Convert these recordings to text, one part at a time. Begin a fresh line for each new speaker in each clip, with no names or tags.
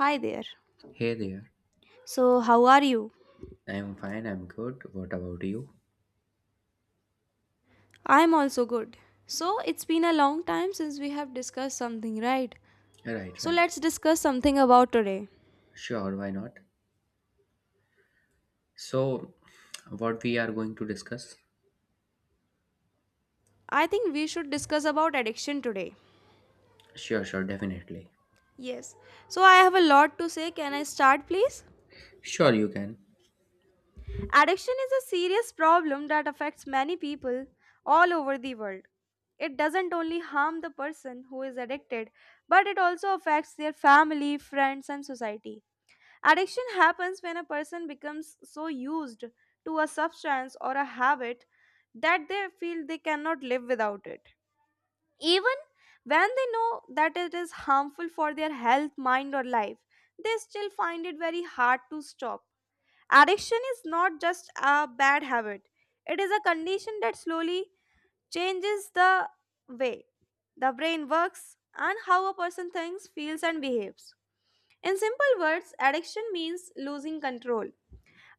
Hi there.
Hey there.
So, how are you?
I'm fine, I'm good. What about you?
I'm also good. So, it's been a long time since we have discussed something, right?
Right,
So,
right.
let's discuss something about today.
Sure, why not? So, what we are going to discuss?
I think we should discuss about addiction today.
Sure, sure, definitely.
Yes. So, I have a lot to say. Can I start, please?
Sure, you can.
Addiction is a serious problem that affects many people all over the world. It doesn't only harm the person who is addicted, but it also affects their family, friends, and society. Addiction happens when a person becomes so used to a substance or a habit that they feel they cannot live without it. Even when they know that it is harmful for their health, mind, or life, they still find it very hard to stop. Addiction is not just a bad habit, it is a condition that slowly changes the way the brain works and how a person thinks, feels, and behaves. In simple words, addiction means losing control.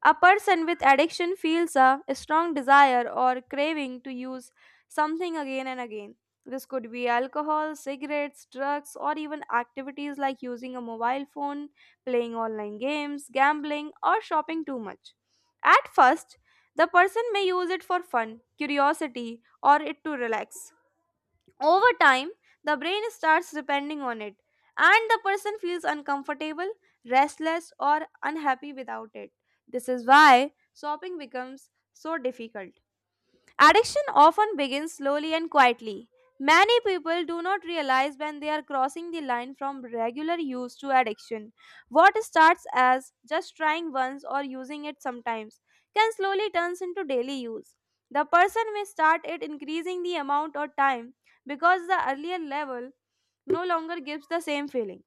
A person with addiction feels a strong desire or craving to use something again and again. This could be alcohol, cigarettes, drugs, or even activities like using a mobile phone, playing online games, gambling, or shopping too much. At first, the person may use it for fun, curiosity, or it to relax. Over time, the brain starts depending on it, and the person feels uncomfortable, restless, or unhappy without it. This is why shopping becomes so difficult. Addiction often begins slowly and quietly. Many people do not realize when they are crossing the line from regular use to addiction. What starts as just trying once or using it sometimes can slowly turn into daily use. The person may start it increasing the amount or time because the earlier level no longer gives the same feeling.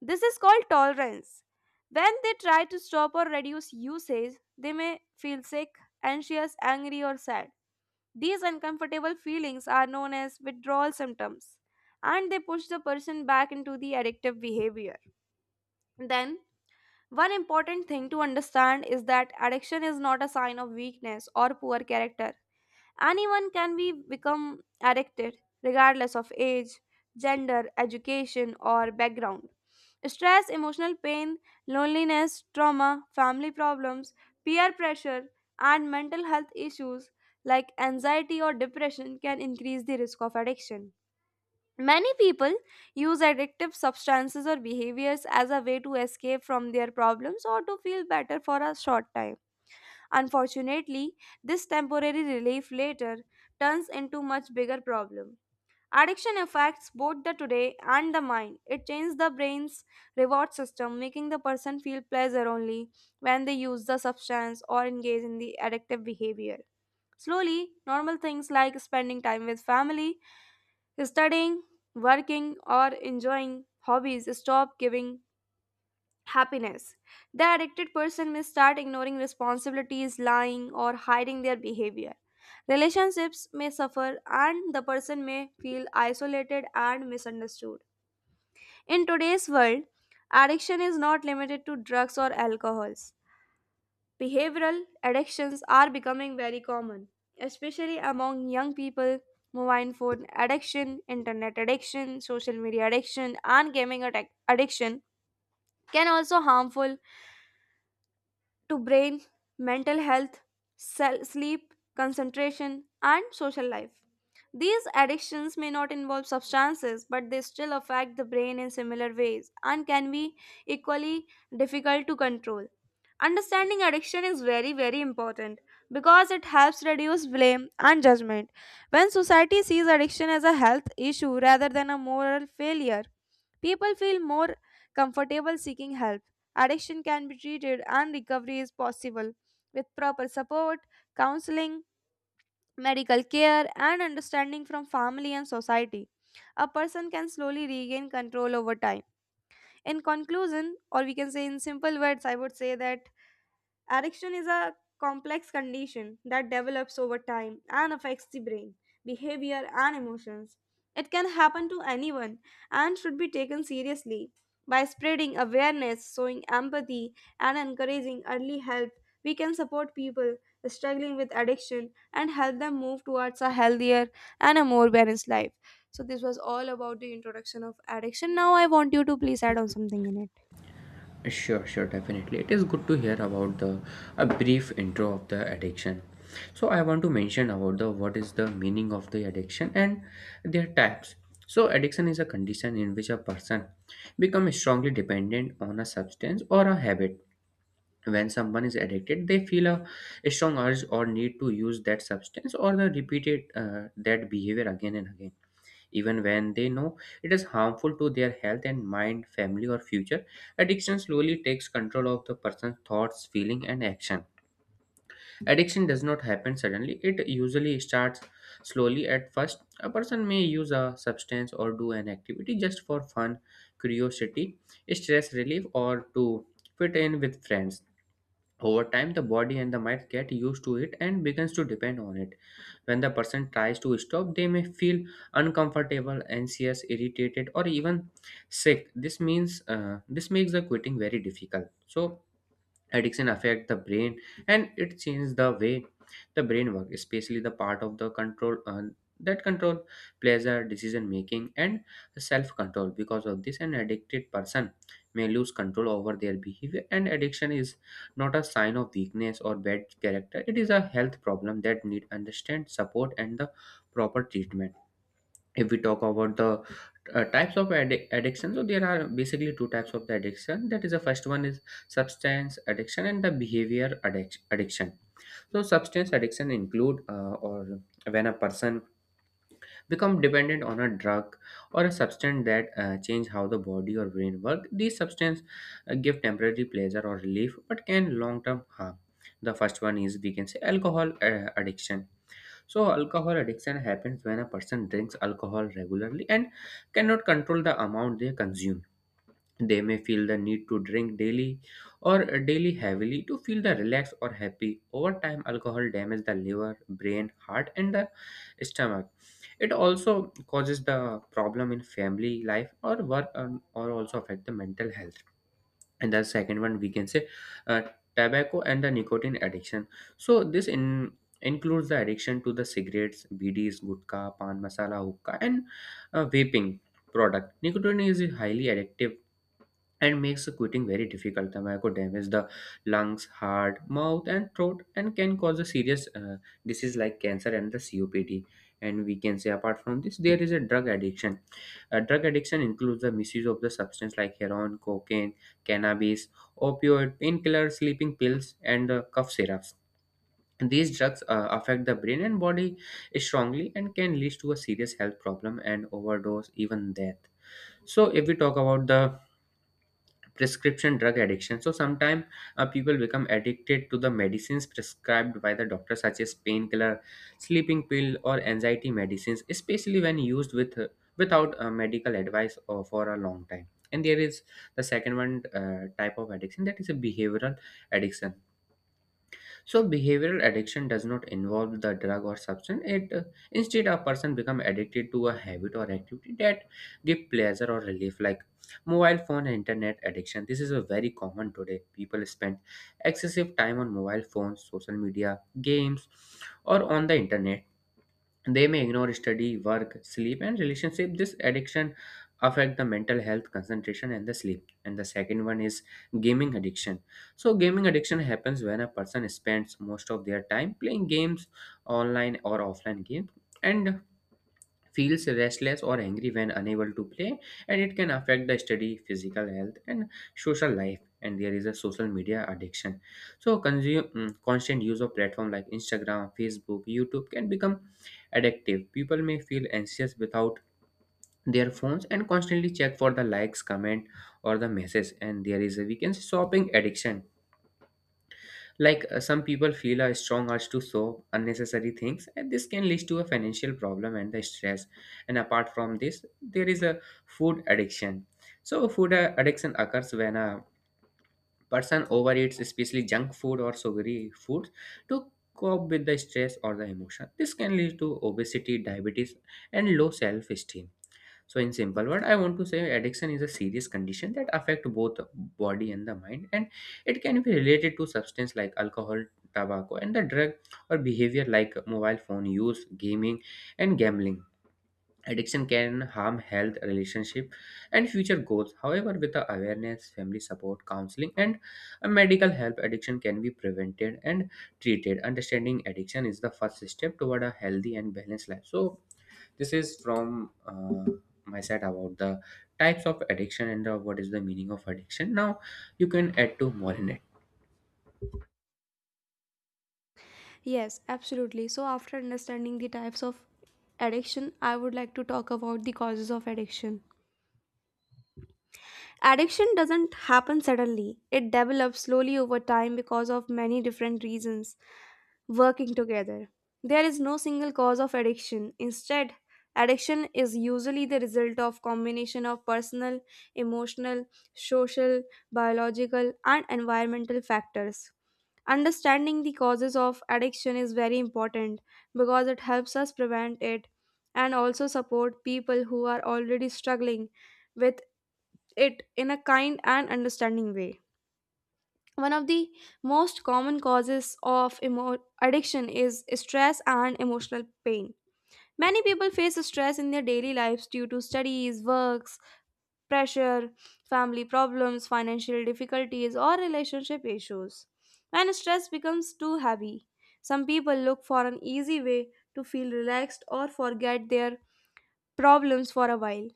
This is called tolerance. When they try to stop or reduce usage, they may feel sick, anxious, angry, or sad. These uncomfortable feelings are known as withdrawal symptoms, and they push the person back into the addictive behavior. Then, one important thing to understand is that addiction is not a sign of weakness or poor character. Anyone can be become addicted regardless of age, gender, education, or background. Stress, emotional pain, loneliness, trauma, family problems, peer pressure, and mental health issues like anxiety or depression can increase the risk of addiction. Many people use addictive substances or behaviors as a way to escape from their problems or to feel better for a short time. Unfortunately, this temporary relief later turns into much bigger problem. Addiction affects both the today and the mind. It changes the brain's reward system, making the person feel pleasure only when they use the substance or engage in the addictive behavior. Slowly, normal things like spending time with family, studying, working, or enjoying hobbies stop giving happiness. The addicted person may start ignoring responsibilities, lying, or hiding their behavior. Relationships may suffer, and the person may feel isolated and misunderstood. In today's world, addiction is not limited to drugs or alcohols. Behavioral addictions are becoming very common, especially among young people. Mobile phone addiction, internet addiction, social media addiction, and gaming addiction can also harmful to brain, mental health, sleep, concentration, and social life. These addictions may not involve substances, but they still affect the brain in similar ways and can be equally difficult to control. Understanding addiction is very, very important because it helps reduce blame and judgment. When society sees addiction as a health issue rather than a moral failure, people feel more comfortable seeking help. Addiction can be treated and recovery is possible with proper support, counseling, medical care, and understanding from family and society. A person can slowly regain control over time. In conclusion, or we can say in simple words, I would say that addiction is a complex condition that develops over time and affects the brain, behavior, and emotions. It can happen to anyone and should be taken seriously. By spreading awareness, showing empathy, and encouraging early help, we can support people struggling with addiction and help them move towards a healthier and a more balanced life. So, this was all about the introduction of addiction. Now, I want you to please add on something in it.
Sure, sure, definitely. It is good to hear about the a brief intro of the addiction. So, I want to mention about the what is the meaning of the addiction and their types. So, addiction is a condition in which a person becomes strongly dependent on a substance or a habit. When someone is addicted, they feel a strong urge or need to use that substance or the repeated that behavior again and again, even when they know it is harmful to their health and mind, family, or future. Addiction slowly takes control of the person's thoughts, feeling, and action. Addiction does not happen suddenly. It usually starts slowly. At first, a person may use a substance or do an activity just for fun, curiosity, stress relief, or to fit in with friends. Over time, the body and the mind get used to it and begins to depend on it. When the person tries to stop, they may feel uncomfortable, anxious, irritated, or even sick. This makes the quitting very difficult. So, addiction affect the brain, and it changes the way the brain works, especially the part of the control, pleasure, decision making, and self control. Because of this, an addicted person may lose control over their behavior. And addiction is not a sign of weakness or bad character. It is a health problem that need understand, support, and the proper treatment. If we talk about the types of addiction, so there are basically two types of the addiction. That is, the first one is substance addiction and the behavior addiction. So substance addiction include or when a person become dependent on a drug or a substance that change how the body or brain work. These substance give temporary pleasure or relief but can long term harm. The first one is, we can say, alcohol addiction. So, alcohol addiction happens when a person drinks alcohol regularly and cannot control the amount they consume. They may feel the need to drink daily or daily heavily to feel the relaxed or happy. Over time, alcohol damages the liver, brain, heart, and the stomach. It also causes the problem in family life or work or also affect the mental health. And the second one, we can say, uh, tobacco and the nicotine addiction. So this in includes the addiction to the cigarettes, bds, gutka, pan masala, hookah, and vaping product. Nicotine is highly addictive and makes the quitting very difficult. Tobacco damages the lungs, heart, mouth, and throat, and can cause a serious disease like cancer and the COPD. And we can say, apart from this, there is a drug addiction. Drug addiction includes the misuse of the substance like heroin, cocaine, cannabis, opioid, painkillers, sleeping pills, and cough syrups. These drugs affect the brain and body strongly and can lead to a serious health problem and overdose, even death. So, if we talk about the prescription drug addiction, so sometimes people become addicted to the medicines prescribed by the doctor, such as painkiller, sleeping pill, or anxiety medicines, especially when used without medical advice or for a long time. And there is the second one, type of addiction, that is a behavioral addiction. So behavioral addiction does not involve the drug or substance. It Instead, a person become addicted to a habit or activity that give pleasure or relief, like mobile phone and internet addiction. This is a very common today. People spend excessive time on mobile phones, social media, games, or on the internet. They may ignore study, work, sleep, and relationship. This addiction affect the mental health, concentration, and the sleep. And the second one is gaming addiction. So gaming addiction happens when a person spends most of their time playing games, online or offline games, and feels restless or angry when unable to play, and it can affect the study, physical health, and social life. And there is a social media addiction. So constant use of platform like Instagram, Facebook, YouTube can become addictive. People may feel anxious without their phones and constantly check for the likes, comment, or the messages. And there is, a we can say, shopping addiction. Like some people feel a strong urge to solve unnecessary things, and this can lead to a financial problem and the stress. And apart from this, there is a food addiction. So, food addiction occurs when a person overeats, especially junk food or sugary foods, to cope with the stress or the emotion. This can lead to obesity, diabetes, and low self esteem. So, in simple word, I want to say addiction is a serious condition that affect both body and the mind, and it can be related to substance like alcohol, tobacco, and the drug, or behavior like mobile phone use, gaming, and gambling. Addiction can harm health, relationship, and future goals. However, with the awareness, family support, counseling, and a medical help, addiction can be prevented and treated. Understanding addiction is the first step toward a healthy and balanced life. So, this is from my side about the types of addiction and what is the meaning of addiction. Now you can add to more in it.
Yes, absolutely. So, after understanding the types of addiction, I would like to talk about the causes of addiction. Addiction doesn't happen suddenly, it develops slowly over time because of many different reasons working together. There is no single cause of addiction. Instead, addiction is usually the result of combination of personal, emotional, social, biological, and environmental factors. Understanding the causes of addiction is very important because it helps us prevent it and also support people who are already struggling with it in a kind and understanding way. One of the most common causes of addiction is stress and emotional pain. Many people face stress in their daily lives due to studies, works, pressure, family problems, financial difficulties, or relationship issues. When stress becomes too heavy, some people look for an easy way to feel relaxed or forget their problems for a while.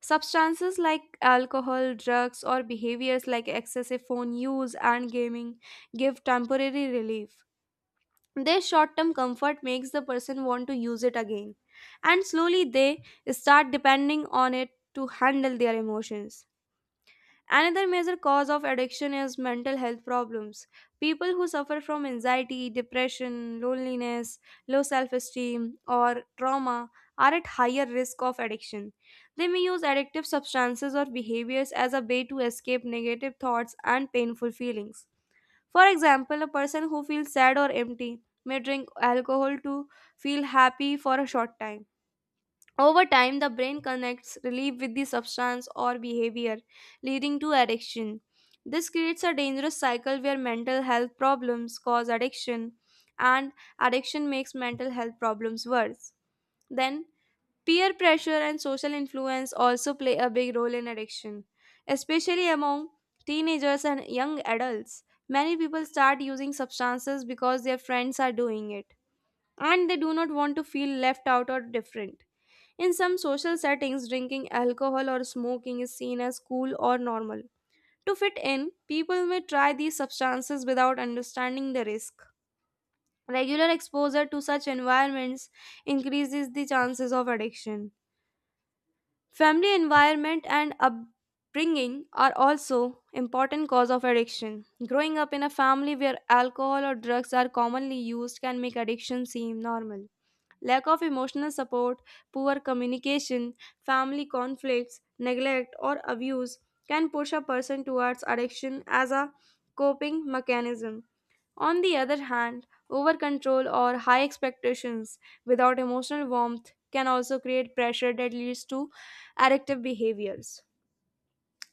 Substances like alcohol, drugs, or behaviors like excessive phone use and gaming give temporary relief. Their short term comfort makes the person want to use it again, and slowly they start depending on it to handle their emotions. Another major cause of addiction is mental health problems. People who suffer from anxiety, depression, loneliness, low self esteem, or trauma are at higher risk of addiction. They may use addictive substances or behaviors as a way to escape negative thoughts and painful feelings. For example, a person who feels sad or empty may drink alcohol to feel happy for a short time. Over time, the brain connects relief with the substance or behavior, leading to addiction. This creates a dangerous cycle where mental health problems cause addiction, and addiction makes mental health problems worse. Then, peer pressure and social influence also play a big role in addiction, especially among teenagers and young adults. Many people start using substances because their friends are doing it, and they do not want to feel left out or different. In some social settings, drinking alcohol or smoking is seen as cool or normal. To fit in, people may try these substances without understanding the risk. Regular exposure to such environments increases the chances of addiction. Family environment and upbringing are also important cause of addiction. Growing up in a family where alcohol or drugs are commonly used can make addiction seem normal. Lack of emotional support, poor communication, family conflicts, neglect, or abuse can push a person towards addiction as a coping mechanism. On the other hand, over control or high expectations without emotional warmth can also create pressure that leads to addictive behaviors.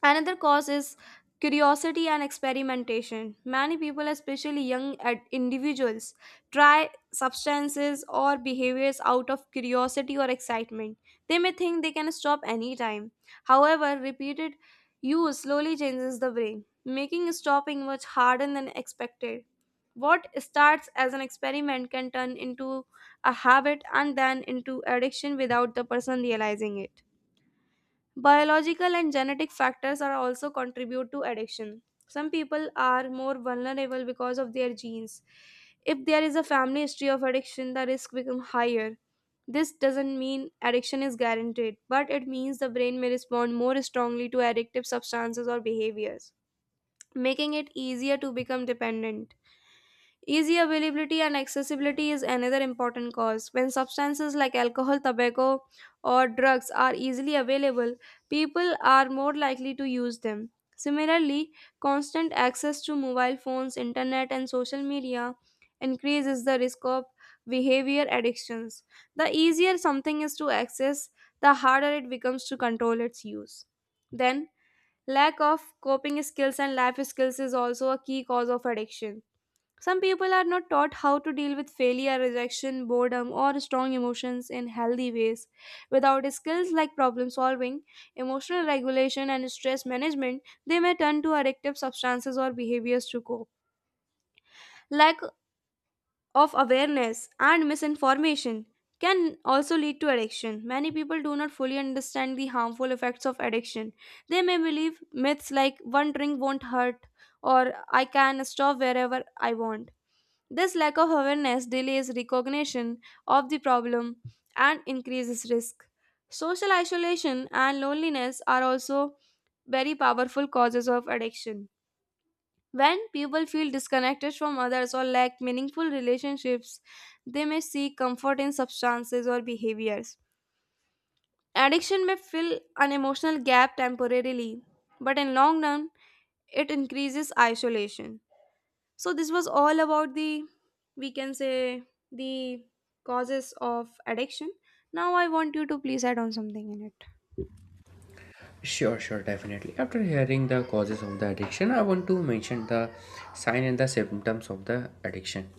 Another cause is curiosity and experimentation. Many people, especially young individuals, try substances or behaviors out of curiosity or excitement. They may think they can stop anytime. However, repeated use slowly changes the brain, making stopping much harder than expected. What starts as an experiment can turn into a habit and then into addiction without the person realizing it. Biological and genetic factors are also contribute to addiction. Some people are more vulnerable because of their genes. If there is a family history of addiction, the risk becomes higher. This doesn't mean addiction is guaranteed, but it means the brain may respond more strongly to addictive substances or behaviors, making it easier to become dependent. Easy availability and accessibility is another important cause. When substances like alcohol, tobacco, or drugs are easily available, people are more likely to use them. Similarly, constant access to mobile phones, internet, and social media increases the risk of behavior addictions. The easier something is to access, the harder it becomes to control its use. Then, lack of coping skills and life skills is also a key cause of addiction. Some people are not taught how to deal with failure, rejection, boredom, or strong emotions in healthy ways. Without skills like problem solving, emotional regulation, and stress management, they may turn to addictive substances or behaviors to cope. Lack of awareness and misinformation can also lead to addiction. Many people do not fully understand the harmful effects of addiction. They may believe myths like one drink won't hurt or I can stop wherever I want. This lack of awareness delays recognition of the problem and increases risk. Social isolation and loneliness are also very powerful causes of addiction. When people feel disconnected from others or lack meaningful relationships, they may seek comfort in substances or behaviors. Addiction may fill an emotional gap temporarily, but in long run, it increases isolation. So this was all about the we can say the causes of addiction. Now I want you to please add on something in it.
Sure, sure, definitely. After hearing the causes of the addiction, I want to mention the sign and the symptoms of the addiction.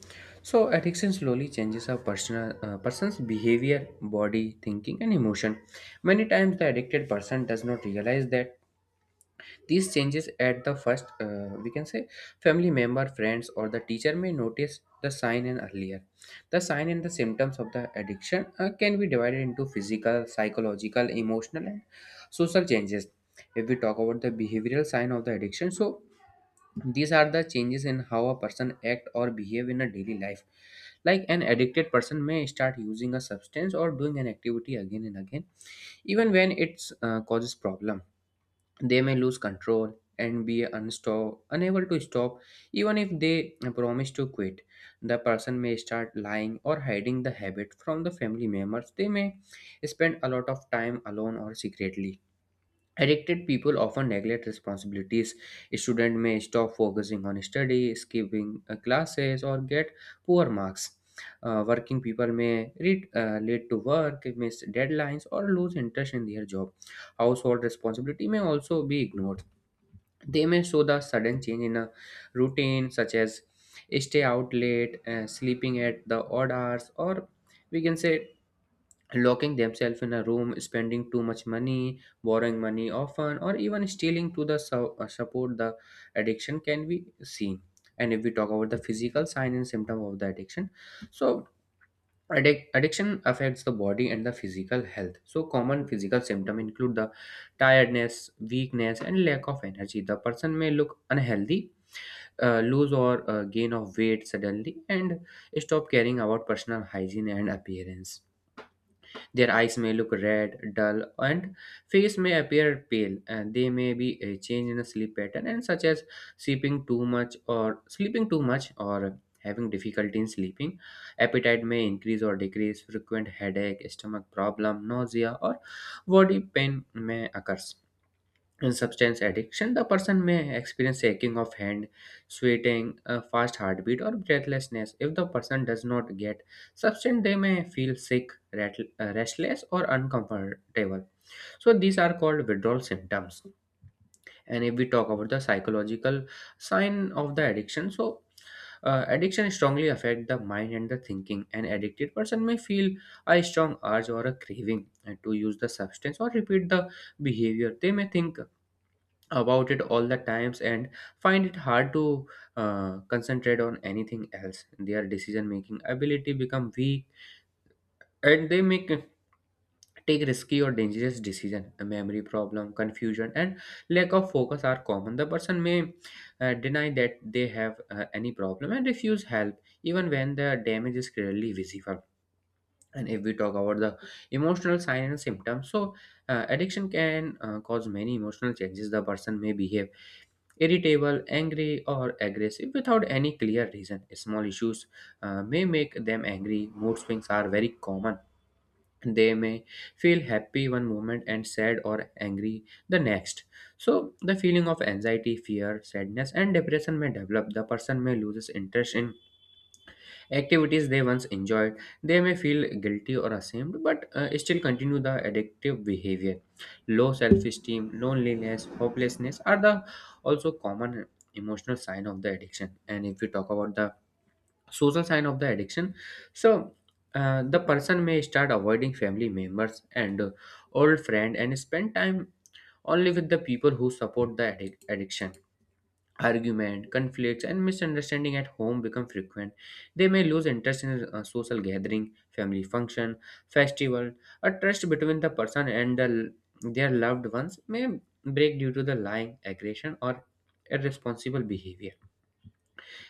So addiction slowly changes a personal person's behavior, body, thinking, and emotion. Many times the addicted person does not realize that these changes at the first, we can say, family member, friends, or the teacher may notice the sign and earlier. The sign and the symptoms of the addiction can be divided into physical, psychological, emotional, and social changes. If we talk about the behavioral sign of the addiction, so these are the changes in how a person act or behave in a daily life. Like an addicted person may start using a substance or doing an activity again and again, even when it causes problem. They may lose control and be unable to stop, even if they promise to quit. The person may start lying or hiding the habit from the family members. They may spend a lot of time alone or secretly. Addicted people often neglect responsibilities. Students may stop focusing on study, skipping classes, or get poor marks. Working people may read late to work, miss deadlines, or lose interest in their job. Household responsibility may also be ignored. They may show the sudden change in a routine, such as stay out late, sleeping at the odd hours, or we can say locking themselves in a room, spending too much money, borrowing money often, or even stealing to the support the addiction can be seen. And if we talk about the physical sign and symptom of the addiction, so addiction affects the body and the physical health. So common physical symptom include the tiredness, weakness, and lack of energy. The person may look unhealthy. Lose or gain of weight suddenly, and stop caring about personal hygiene and appearance. Their eyes may look red, dull, and face may appear pale. And they may be a change in a sleep pattern, and such as sleeping too much or having difficulty in sleeping. Appetite may increase or decrease. Frequent headache, stomach problem, nausea, or body pain may occur. In substance addiction, the person may experience shaking of hand, sweating, a fast heartbeat, or breathlessness. If the person does not get substance, they may feel sick, restless, or uncomfortable. So these are called withdrawal symptoms. And if we talk about the psychological sign of the addiction, so addiction strongly affect the mind and the thinking. An addicted person may feel a strong urge or a craving to use the substance or repeat the behavior. They may think about it all the times and find it hard to concentrate on anything else. Their decision making ability become weak, and they make take risky or dangerous decision. A memory problem, confusion, and lack of focus are common. The person may deny that they have any problem and refuse help even when the damage is clearly visible. And if we talk about the emotional sign and symptoms, so addiction can cause many emotional changes. The person may behave irritable, angry, or aggressive without any clear reason. Small issues may make them angry. Mood swings are very common. They may feel happy one moment and sad or angry the next. So, the feeling of anxiety, fear, sadness, and depression may develop. The person may lose interest in activities they once enjoyed. They may feel guilty or ashamed, but still continue the addictive behavior. Low self-esteem, loneliness, hopelessness are the also common emotional sign of the addiction. And if we talk about the social sign of the addiction, so the person may start avoiding family members and old friend, and spend time only with the people who support the addiction. Argument, conflicts, and misunderstanding at home become frequent. They may lose interest in a social gathering, family function, festival. A trust between the person and their loved ones may break due to the lying, aggression, or irresponsible behavior.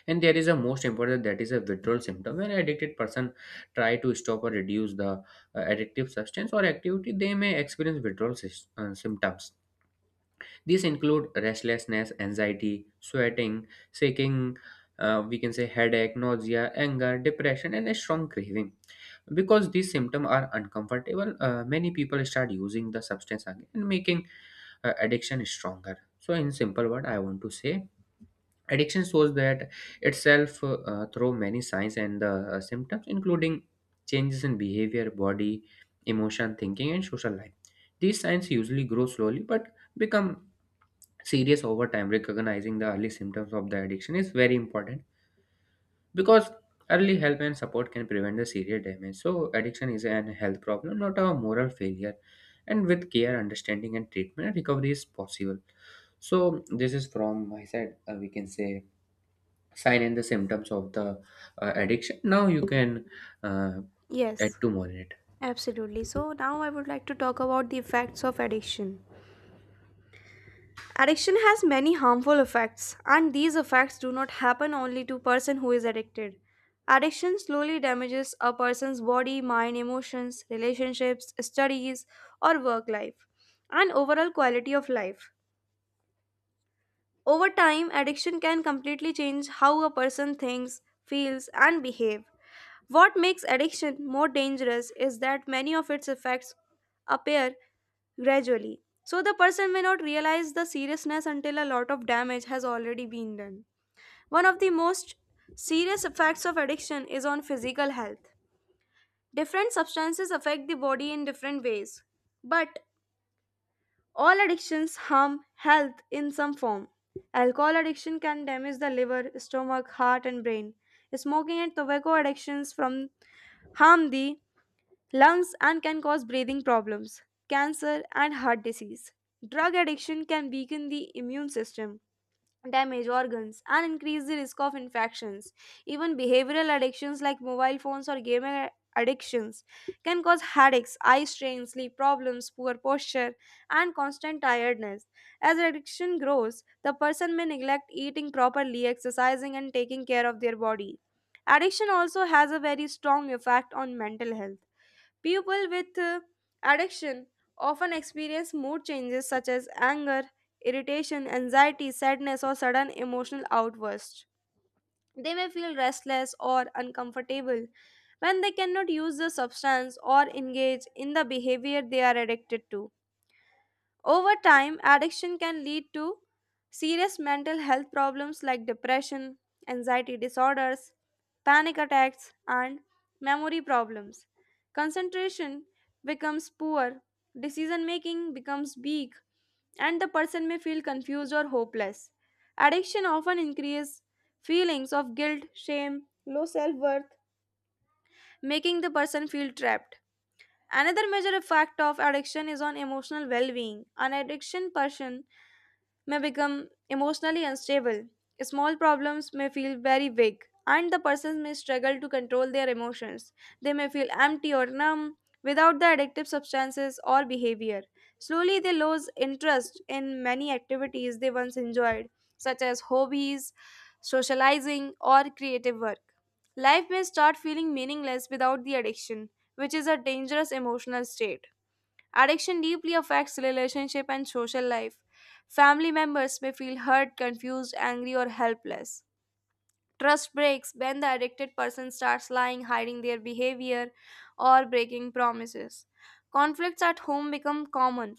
And there is a most important, that is a withdrawal symptom. When addicted person try to stop or reduce the addictive substance or activity, they may experience withdrawal symptoms. These include restlessness, anxiety, sweating, shaking, we can say headache, nausea, anger, depression, and a strong craving. Because these symptoms are uncomfortable, many people start using the substance again and making addiction stronger. So, in simple word, I want to say addiction shows that itself through many signs and the symptoms, including changes in behavior, body, emotion, thinking, and social life. These signs usually grow slowly but become serious over time. Recognizing the early symptoms of the addiction is very important, because early help and support can prevent the serious damage. So addiction is an health problem, not a moral failure, and with care, understanding, and treatment, recovery is possible. So this is from my side, we can say, sign and the symptoms of the addiction. Now you can uh, add
Yes,
to more in it.
absolutely. So now I would like to talk about the effects of addiction. Addiction has many harmful effects, and these effects do not happen only to person who is addicted. Addiction slowly damages a person's body, mind, emotions, relationships, studies or work life and overall quality of life. Over time, addiction can completely change how a person thinks, feels, and behaves. What makes addiction more dangerous is that many of its effects appear gradually. So the person may not realize the seriousness until a lot of damage has already been done. One of the most serious effects of addiction is on physical health. Different substances affect the body in different ways, but all addictions harm health in some form. Alcohol addiction can damage the liver, stomach, heart, and brain. Smoking and tobacco addictions from harm the lungs and can cause breathing problems, cancer, and heart disease. Drug addiction can weaken the immune system damage organs and increase the risk of infections even behavioral addictions like mobile phones or gaming addictions can cause headaches eye strain sleep problems poor posture and constant tiredness as addiction grows the person may neglect eating properly exercising and taking care of their body addiction also has a very strong effect on mental health. People with addiction often experience mood changes such as anger, irritation, anxiety, sadness, or sudden emotional outbursts. They may feel restless or uncomfortable when they cannot use the substance or engage in the behavior they are addicted to. Over time, addiction can lead to serious mental health problems like depression, anxiety disorders, panic attacks, and memory problems. Concentration becomes poor, decision making becomes weak, and the person may feel confused or hopeless. Addiction often increases feelings of guilt, shame, low self worth, making the person feel trapped. Another major effect of addiction is on emotional well being. An addiction person may become emotionally unstable. Small problems may feel very big, and the person may struggle to control their emotions. They may feel empty or numb without the addictive substances or behavior. Slowly, they lose interest in many activities they once enjoyed, such as hobbies, socializing, or creative work. Life may start feeling meaningless without the addiction, which is a dangerous emotional state. Addiction deeply affects relationship and social life. Family members may feel hurt, confused, angry, or helpless. Trust breaks when the addicted person starts lying, hiding their behavior, or breaking promises. Conflicts at home become common,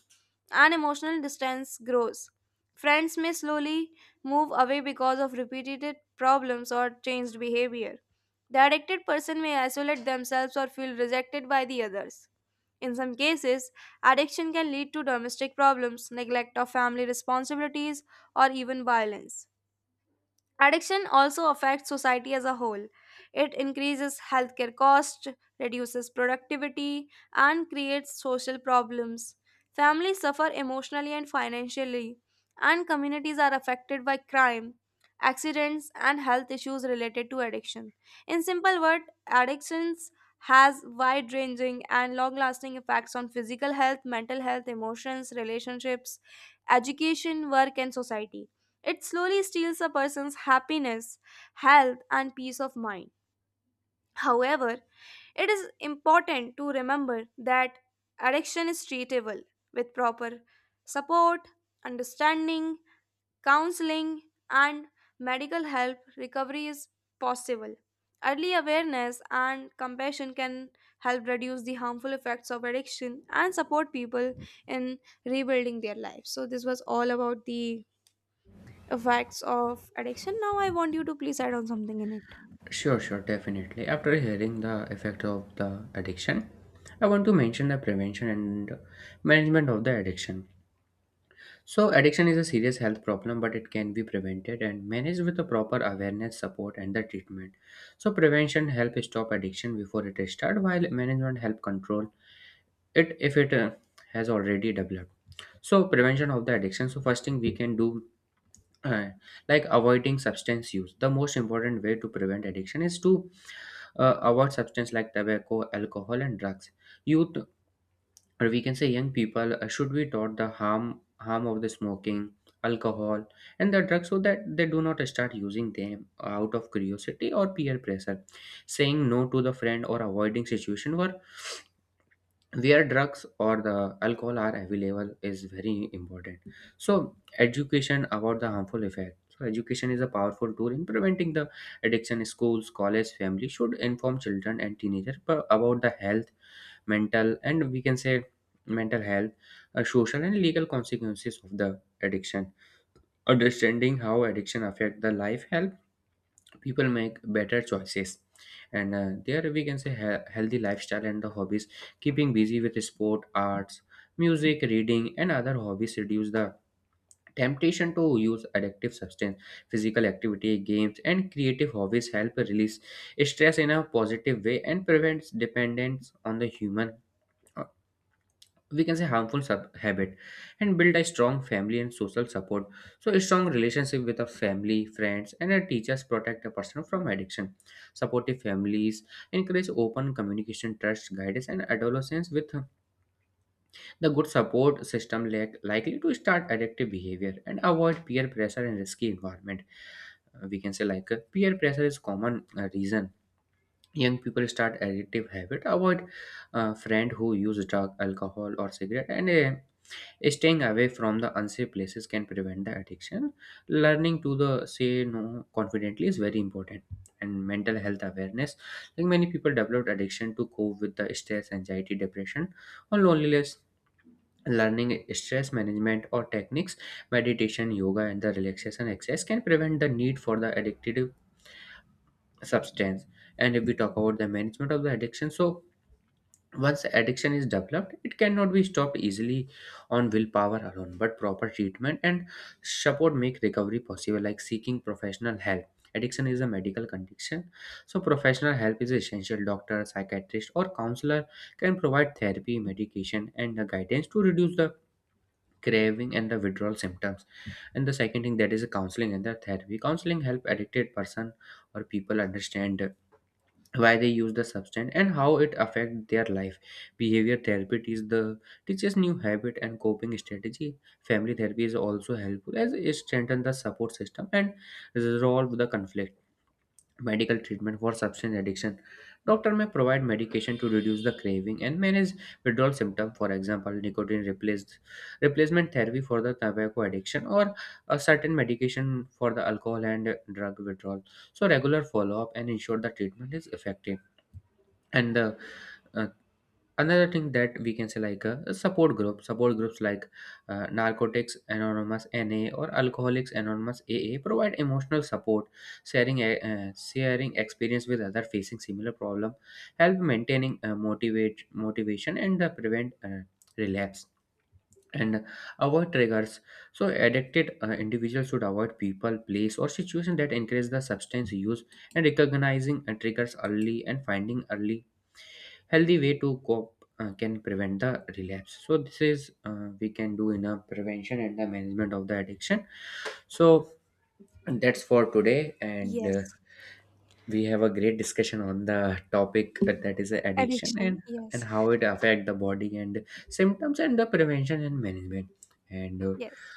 and emotional distance grows. Friends may slowly move away because of repeated problems or changed behavior. The addicted person may isolate themselves or feel rejected by the others. In some cases, addiction can lead to domestic problems, neglect of family responsibilities, or even violence. Addiction also affects society as a whole. It increases healthcare costs, reduces productivity, and creates social problems. Families suffer emotionally and financially, and communities are affected by crime, accidents, and health issues related to addiction. In simple words, addictions has wide-ranging and long-lasting effects on physical health, mental health, emotions, relationships, education, work, and society. It slowly steals a person's happiness, health, and peace of mind. However, it is important to remember that addiction is treatable with proper support, understanding, counseling, and medical help. Recovery is possible. Early awareness and compassion can help reduce the harmful effects of addiction and support people in rebuilding their lives. So, this was all about the effects of addiction. Now I want you to please add on something in it.
Sure, sure, definitely. After hearing the effect of the addiction, I want to mention the prevention and management of the addiction. So, addiction is a serious health problem, but it can be prevented and managed with the proper awareness, support, and the treatment. So, prevention help stop addiction before it starts, while management help control it if it has already developed. So, prevention of the addiction. So, first thing we can do, uh, like avoiding substance use. The most important way to prevent addiction is to avoid substances like tobacco, alcohol, and drugs. Youth, or we can say young people, should be taught the harm of the smoking, alcohol, and the drugs, so that they do not start using them out of curiosity or peer pressure. Saying no to the friend or avoiding situation where drugs or the alcohol are available is very important. So education about the harmful effect, so education is a powerful tool in preventing the addiction. Schools, college, family should inform children and teenagers about the health, mental, and we can say mental health, social and legal consequences of the addiction. Understanding how addiction affect the life, health, people make better choices. And there we can say healthy lifestyle and the hobbies, keeping busy with sport, arts, music, reading, and other hobbies reduce the temptation to use addictive substance. Physical activity, games, and creative hobbies help release stress in a positive way and prevents dependence on the human, we can say harmful habit. And build a strong family and social support, so a strong relationship with a family, friends, and a teachers protect a person from addiction. Supportive families encourage open communication, trust, guidance, and adolescence with the good support system like likely to start addictive behavior and avoid peer pressure and risky environment. We can say like, peer pressure is common reason young people start addictive habit. Avoid friend who use drug, alcohol, or cigarette, and staying away from the unsafe places can prevent the addiction. Learning to the say no confidently is very important. And mental health awareness, like many people develop addiction to cope with the stress, anxiety, depression, or loneliness. Learning stress management or techniques, meditation, yoga, and the relaxation exercise can prevent the need for the addictive substance. And if we talk about the management of the addiction, so once addiction is developed, it cannot be stopped easily on willpower alone, but proper treatment and support make recovery possible, like seeking professional help. Addiction is a medical condition, so professional help is essential. Doctor, psychiatrist, or counselor can provide therapy, medication, and the guidance to reduce the craving and the withdrawal symptoms. And the second thing, that is counseling and the therapy. Counseling help addicted person or people understand why they use the substance and how it affect their life. Behavior therapy is the teaches new habit and coping strategy. Family therapy is also helpful as it strengthen the support system and resolve the conflict. Medical treatment for substance addiction, doctor may provide medication to reduce the craving and manage withdrawal symptom, for example nicotine replaced replacement therapy for the tobacco addiction, or a certain medication for the alcohol and drug withdrawal. So regular follow-up and ensure the treatment is effective. And uh, uh, another thing that we can say, like, a support group, support groups like narcotics anonymous, NA, or alcoholics anonymous, AA, provide emotional support. Sharing experience with other facing similar problem help maintaining motivate motivation and prevent relapse. And avoid triggers. So addicted individuals should avoid people, place, or situation that encourage the substance use. And recognizing triggers early and finding early healthy way to cope can prevent the relapse. So this is we can do in a prevention and the management of the addiction. So that's for today, and
Yes,
we have a great discussion on the topic, that is addiction,
addiction.
and
Yes.
how it affect the body and symptoms and the prevention and management. and uh,
Yes.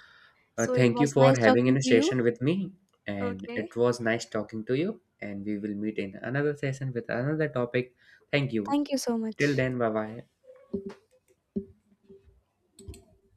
uh,
So it
thank you
was
for
nice
having
talking
in a
to you.
session with me, and
Okay.
it was nice talking to you, and we will meet in another session with another topic. Thank you.
Thank you so
Till
much.
then, bye bye.